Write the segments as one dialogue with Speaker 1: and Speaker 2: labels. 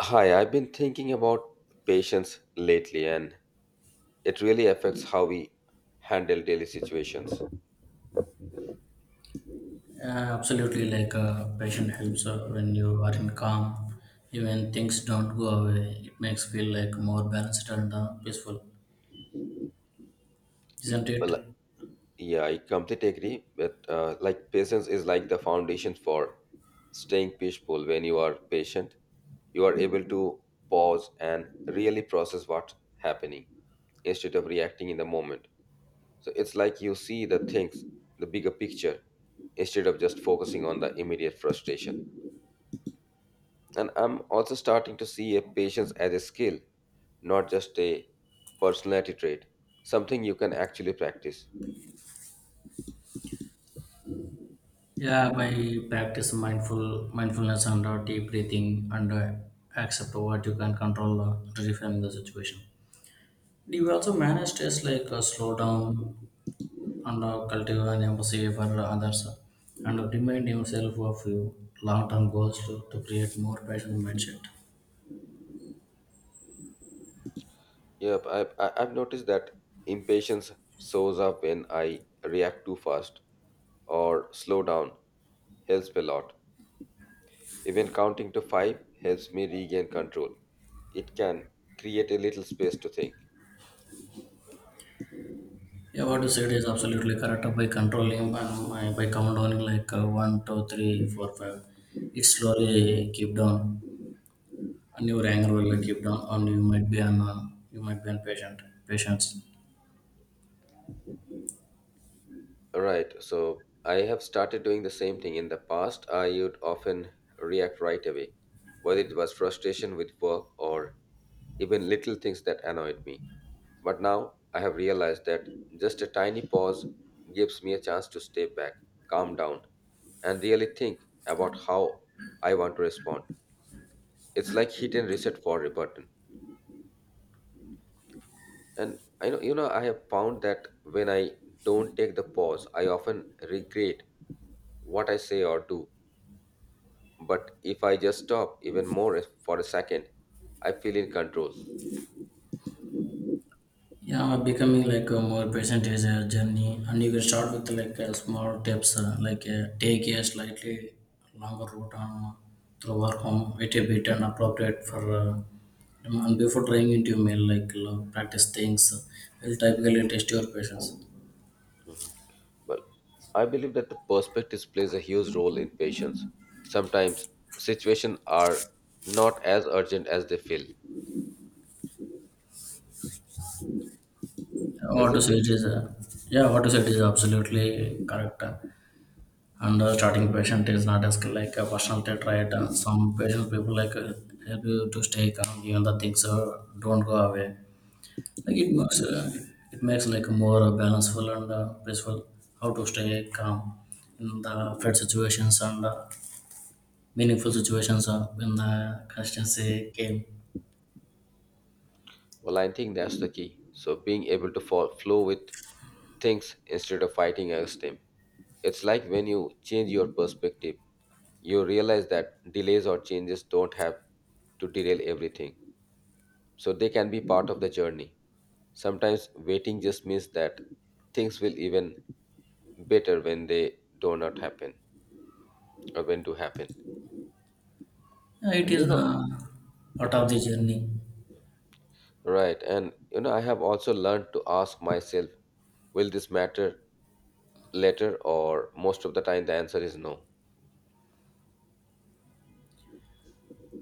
Speaker 1: Hi, I've been thinking about patience lately, and it really affects how we handle daily situations.
Speaker 2: Absolutely, like passion helps when you are in calm, even things don't go away. It makes feel like more balanced and peaceful, isn't it?
Speaker 1: Well, yeah, I completely agree. But patience is like the foundation for staying peaceful. When you are patient, you are able to pause and really process what's happening instead of reacting in the moment. So it's like you see the things, the bigger picture, instead of just focusing on the immediate frustration. And I'm also starting to see a patience as a skill, not just a personality trait, something you can actually practice.
Speaker 2: Yeah, by practice mindfulness and deep breathing and accept what you can control to reframe the situation. Do you also manage to just, like slow down and cultivate an empathy for others, and remind yourself of your long-term goals to create more passionate mindset?
Speaker 1: Yep, I've noticed that impatience shows up when I react too fast or slow down, helps a lot. Even counting to five helps me regain control. It can create a little space to think.
Speaker 2: Yeah, what you said is absolutely correct. By controlling and by counting like one, two, three, four, five, it slowly keep down, and your anger will keep down, and you might be on patient patience.
Speaker 1: Right. So I have started doing the same thing. In the past, I would often react right away, whether it was frustration with work or even little things that annoyed me. But now I have realized that just a tiny pause gives me a chance to step back, calm down, and really think about how I want to respond. It's like hit and reset for a button. And I know I have found that when I don't take the pause, I often regret what I say or do. But if I just stop even more for a second, I feel in control.
Speaker 2: Yeah, becoming like a more patient is a journey, and you can start with like a small tips, like take a slightly longer route on through work home, wait a bit and appropriate for, and before trying into your mail, like practice things will typically test your patience.
Speaker 1: Well, I believe that the perspective plays a huge role in patience. Sometimes situations are not as urgent as they feel,
Speaker 2: What to
Speaker 1: isn't
Speaker 2: say
Speaker 1: it?
Speaker 2: it is, Yeah, what to say it is absolutely correct. And starting patient is not as like a personal trait, right? Some patient people like help you to stay calm even the things don't go away. Like it makes uh, it makes like a more balanceful and peaceful. How to stay calm in the fed situations and meaningful situations in the constancy came.
Speaker 1: Well, I think that's the key. So being able to fall, flow with things instead of fighting against them. It's like when you change your perspective, you realize that delays or changes don't have to derail everything. So they can be part of the journey. Sometimes waiting just means that things will even better when they do not happen or when to happen.
Speaker 2: Yeah, it
Speaker 1: And you
Speaker 2: is
Speaker 1: know,
Speaker 2: part of
Speaker 1: mhm,
Speaker 2: the journey.
Speaker 1: right. And you know, I have also learned to ask myself, will this matter later? Or most of the time, the answer is no.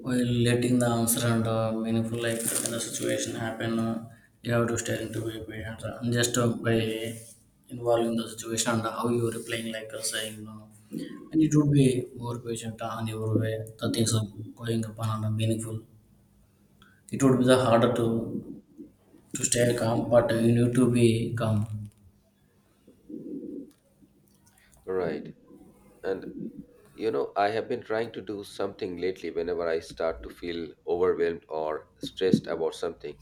Speaker 2: While letting the answer and meaningful life in the situation happen, you have to stay into be patient and just by involving the situation and how you are replying, like saying no. And it would be more patient on your way, the things are going upon and are meaningful. It would be the harder to stay calm, but you need to be calm.
Speaker 1: Right. And you know, I have been trying to do something lately whenever I start to feel overwhelmed or stressed about something.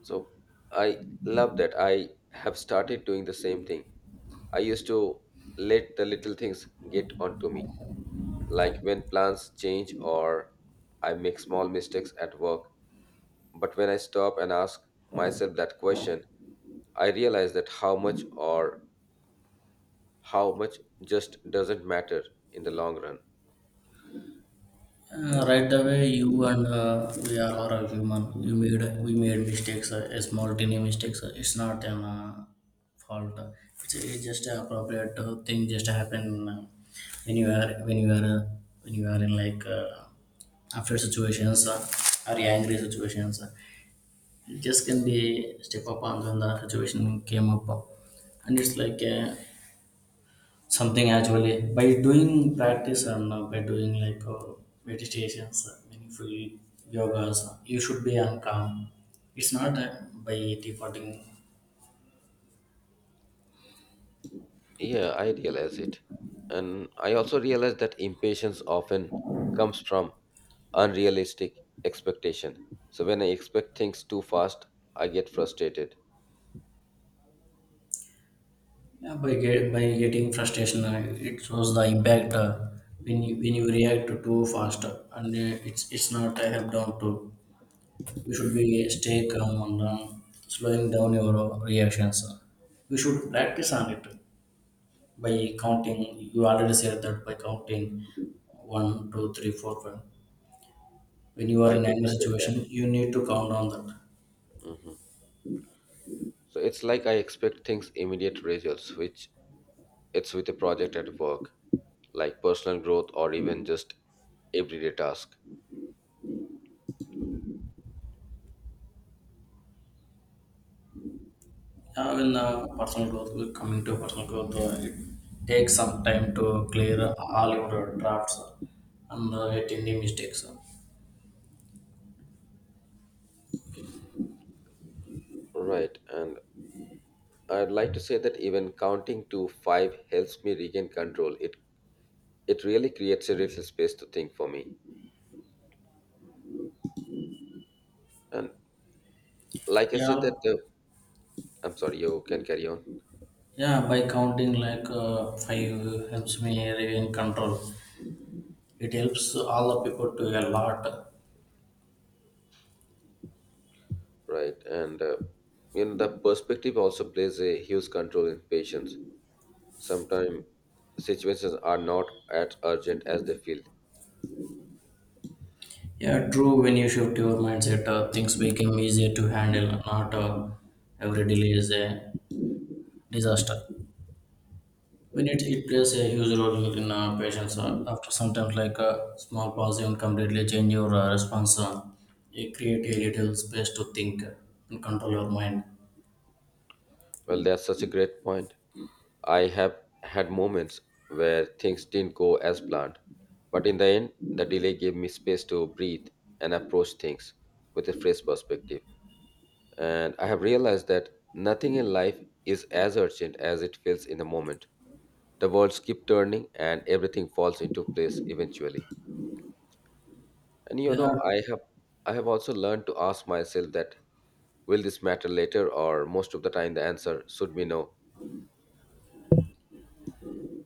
Speaker 1: So I love that I have started doing the same thing. I used to let the little things get onto me, like when plans change or I make small mistakes at work. But when I stop and ask myself that question, I realize that how much or how much just doesn't matter in the long run.
Speaker 2: Right away, you and we are all are human. You made We made mistakes, a small tiny mistakes. It's not an fault. It's just a appropriate thing just happen when you are when you are uh, when you are in like unfair situations or angry situations. You just can be step up on when the situation came up, and it's like. Something actually by doing practice and by doing like meditations, meaningful yogas, you should be on calm. It's not that by defaulting,
Speaker 1: Yeah, I realize it. And I also realize that impatience often comes from unrealistic expectation. So when I expect things too fast, I get frustrated.
Speaker 2: yeah, by getting frustration, it shows the impact when you react to too fast, and it's not a help down to. You should be stay calm and slowing down your reactions. You should practice on it. By counting you already said that by counting one two three four five when you are
Speaker 1: I
Speaker 2: in any
Speaker 1: totally get that.
Speaker 2: situation you need to count on that.
Speaker 1: Hmm. So it's like I expect things immediate results, which it's with a project at work, like personal growth or even just everyday task.
Speaker 2: Yeah, when personal growth, it takes some time to clear all your drafts and get any mistakes.
Speaker 1: Right. And I'd like to say that even counting to five helps me regain control. It really creates a little space to think for me. And like I said
Speaker 2: yeah
Speaker 1: that I'm sorry, you can carry on.
Speaker 2: yeah by counting like five helps me in control. It helps all the people to a lot.
Speaker 1: Right, and you know the perspective also plays a huge control in patience. Sometimes situations are not as urgent as they feel.
Speaker 2: Yeah, true. When you shift your mindset, things become easier to handle. Not every delay is a disaster. When it plays a huge role in patients, after sometimes like a small pause, even completely change your response. You create a little space to think and control your mind.
Speaker 1: Well, that's such a great point. I have had moments where things didn't go as planned, but in the end the delay gave me space to breathe and approach things with a fresh perspective. And I have realized that nothing in life is as urgent as it feels in the moment. The worlds keep turning and everything falls into place eventually. And you
Speaker 2: Yeah,
Speaker 1: know, I have also learned to ask myself that will this matter later? Or most of the time the answer should be no.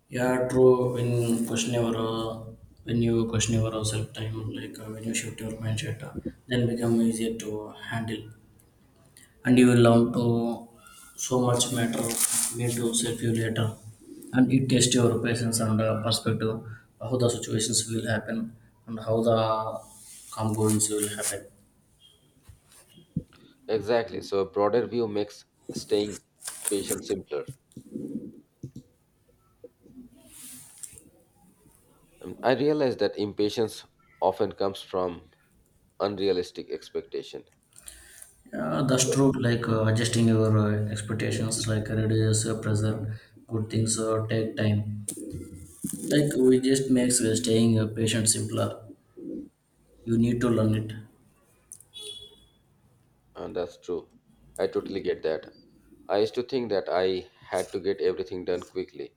Speaker 2: yeah, true. When you question your self time, like when you shift your mindset, then become easier to handle. And you will learn to so much matter need to save you later. And it tests your patience and perspective, how the situations will happen and how the components will happen.
Speaker 1: Exactly, so a broader view makes staying patient simpler. I realize that impatience often comes from unrealistic expectation.
Speaker 2: Yeah, that's
Speaker 1: So,
Speaker 2: true, like adjusting your expectations like reduces pressure. Good things take time. Like we just makes staying patient simpler. You need to learn it.
Speaker 1: and that's true. I totally get that. I used to think that I had to get everything done quickly,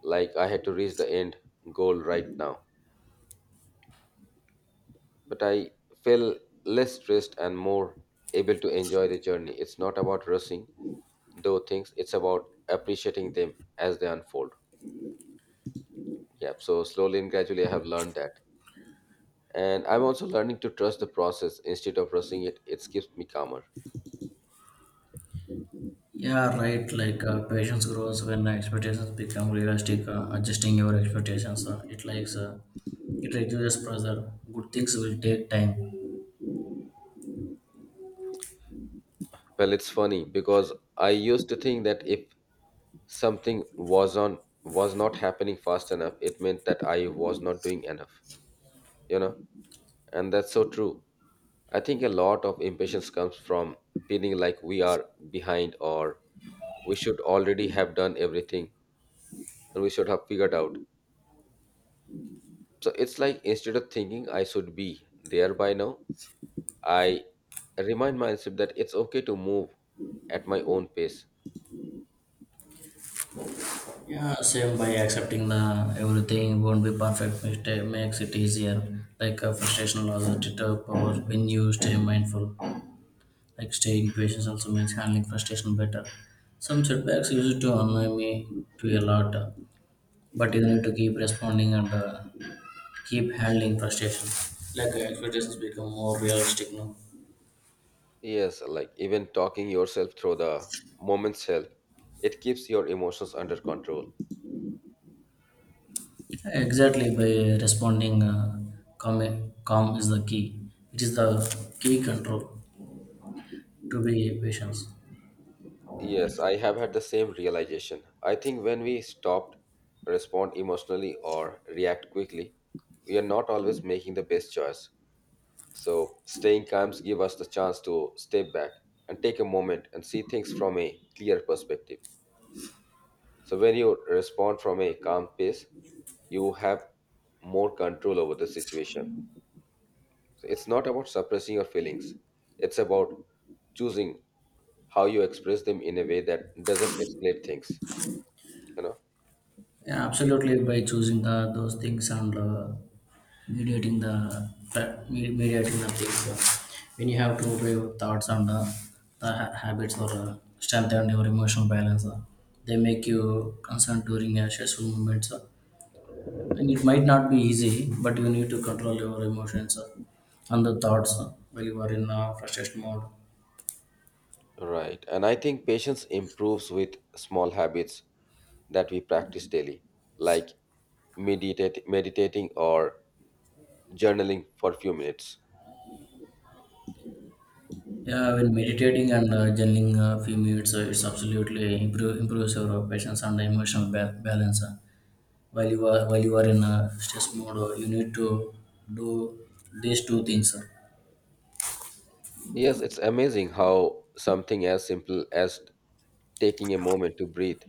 Speaker 1: like I had to reach the end goal right now. But I feel less stressed and more able to enjoy the journey. It's not about rushing, though things, it's about appreciating them as they unfold. Yeah, so slowly and gradually, I have learned that. And I'm also learning to trust the process instead of rushing it. It keeps me calmer.
Speaker 2: Yeah, right. Like patience grows when expectations become realistic. Adjusting your expectations, it reduces pressure. Good things will take time.
Speaker 1: Well, it's funny because I used to think that if something was on was not happening fast enough, it meant that I was not doing enough. You know, and that's so true. I think a lot of impatience comes from feeling like we are behind or we should already have done everything and we should have figured out. So it's like instead of thinking I should be there by now, I remind myself that it's okay to move at my own pace.
Speaker 2: Yeah, same by accepting the everything won't be perfect. Mistake makes it easier. Like frustration loses it up or when you stay mindful. Like staying patient also makes handling frustration better. Some setbacks used to annoy me to a lot, but you need to keep responding and keep handling frustration. Like expectations become more realistic now.
Speaker 1: Yes, like even talking yourself through the moment's help, it keeps your emotions under control.
Speaker 2: Exactly by responding calm, calm is the key. It is the key control to be patient.
Speaker 1: Yes, I have had the same realization. I think when we stop, respond emotionally, or react quickly, we are not always making the best choice. So, staying calm gives us the chance to step back and take a moment and see things from a clear perspective. So, when you respond from a calm pace, you have more control over the situation. So it's not about suppressing your feelings, it's about choosing how you express them in a way that doesn't escalate things, you know.
Speaker 2: Yeah, absolutely by choosing those things and mediating the things. When you have to brave thoughts and the habits or strengthen your emotional balance, they make you concerned during a stressful moments. And it might not be easy, but you need to control your emotions and the thoughts while you are in frustration mode.
Speaker 1: Right. And I think patience improves with small habits that we practice daily, like meditating or journaling for a few minutes.
Speaker 2: Yeah, when meditating and journaling a few minutes, it's absolutely improves your patience and emotional balance. While you are in a stress mode, you need to do these two things.
Speaker 1: Yes, it's amazing how something as simple as taking a moment to breathe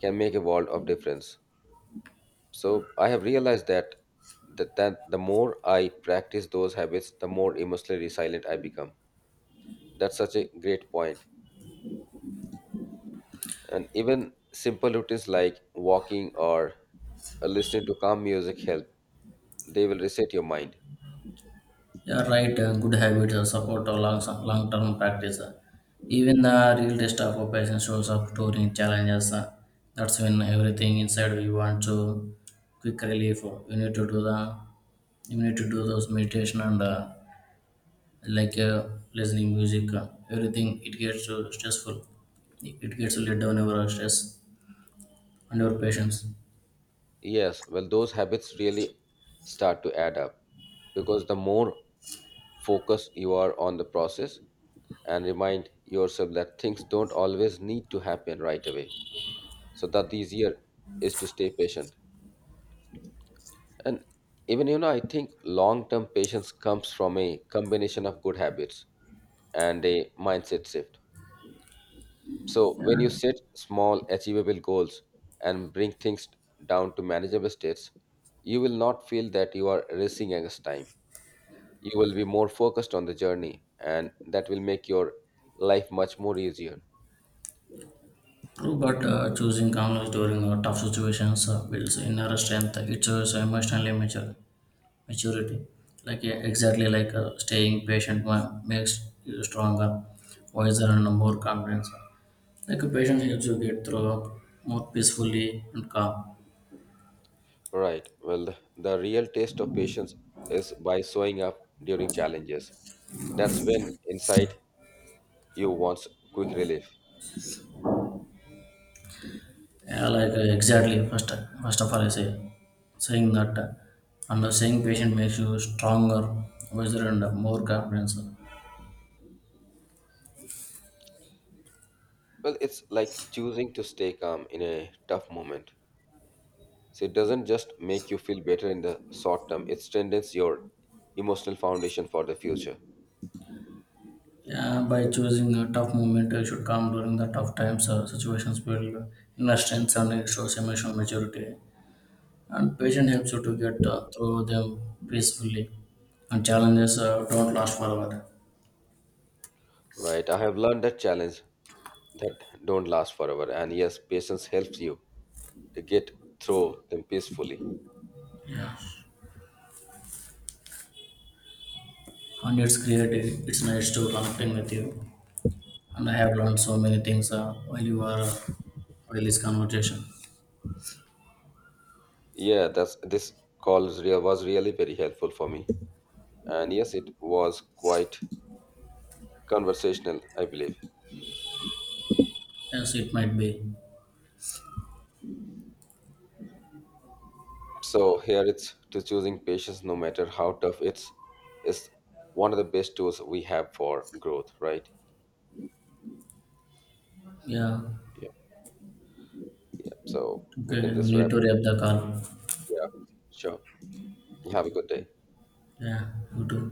Speaker 1: can make a world of difference. So I have realized that that the more I practice those habits, the more emotionally resilient I become. That's such a great point. And even simple routines like walking or listening to calm music help. They will reset your mind.
Speaker 2: Yeah, right. Good habits support or long term practice. Even the real test of operation shows up during challenges. That's when everything inside we want to quick relief. You need to do those meditation and like listening music. Everything it gets stressful. It gets let down your stress and your patience.
Speaker 1: Yes, well, those habits really start to add up because the more focused you are on the process and remind yourself that things don't always need to happen right away. So that the easier is to stay patient. And even you know, I think long term patience comes from a combination of good habits and a mindset shift. So when you
Speaker 2: Yeah,
Speaker 1: set small achievable goals and bring things down to manageable states, you will not feel that you are racing against time. You will be more focused on the journey and that will make your life much more easier.
Speaker 2: true, but choosing calmness during tough situations builds inner strength. It's emotionally mature. maturity. Like, yeah, exactly, like staying patient makes you stronger, wiser and more confident. Like a patient helps you get through more peacefully and calm.
Speaker 1: Right. Well, the real test of patience is by showing up during challenges. That's when inside you wants quick relief.
Speaker 2: Yeah, like exactly, first of all I saying that, and the saying patient makes you stronger, wiser and more confident.
Speaker 1: Well, it's like choosing to stay calm in a tough moment. So it doesn't just make you feel better in the short term, it strengthens your emotional foundation for the future.
Speaker 2: Yeah, by choosing a tough moment you should come during the tough times or situations build inner strength, and it shows emotional maturity. And patience helps you to get through them peacefully, and challenges don't last forever.
Speaker 1: Right. I have learned that challenge that don't last forever. And yes, patience helps you to get through them peacefully.
Speaker 2: Yeah, and it's creative, it's nice to connecting with you, and I have learned so many things while you are while this conversation.
Speaker 1: Yeah, that's this call is real, was really very helpful for me. And yes, it was quite conversational, I believe.
Speaker 2: Yes, it might be.
Speaker 1: So here it's to choosing patience no matter how tough it's is one of the best tools we have for growth, right?
Speaker 2: Yeah,
Speaker 1: Yeah. Yeah, so we
Speaker 2: okay,
Speaker 1: can
Speaker 2: you
Speaker 1: just
Speaker 2: need
Speaker 1: wrap.
Speaker 2: to wrap the call.
Speaker 1: Yeah, sure. You have a good day.
Speaker 2: Yeah, you too.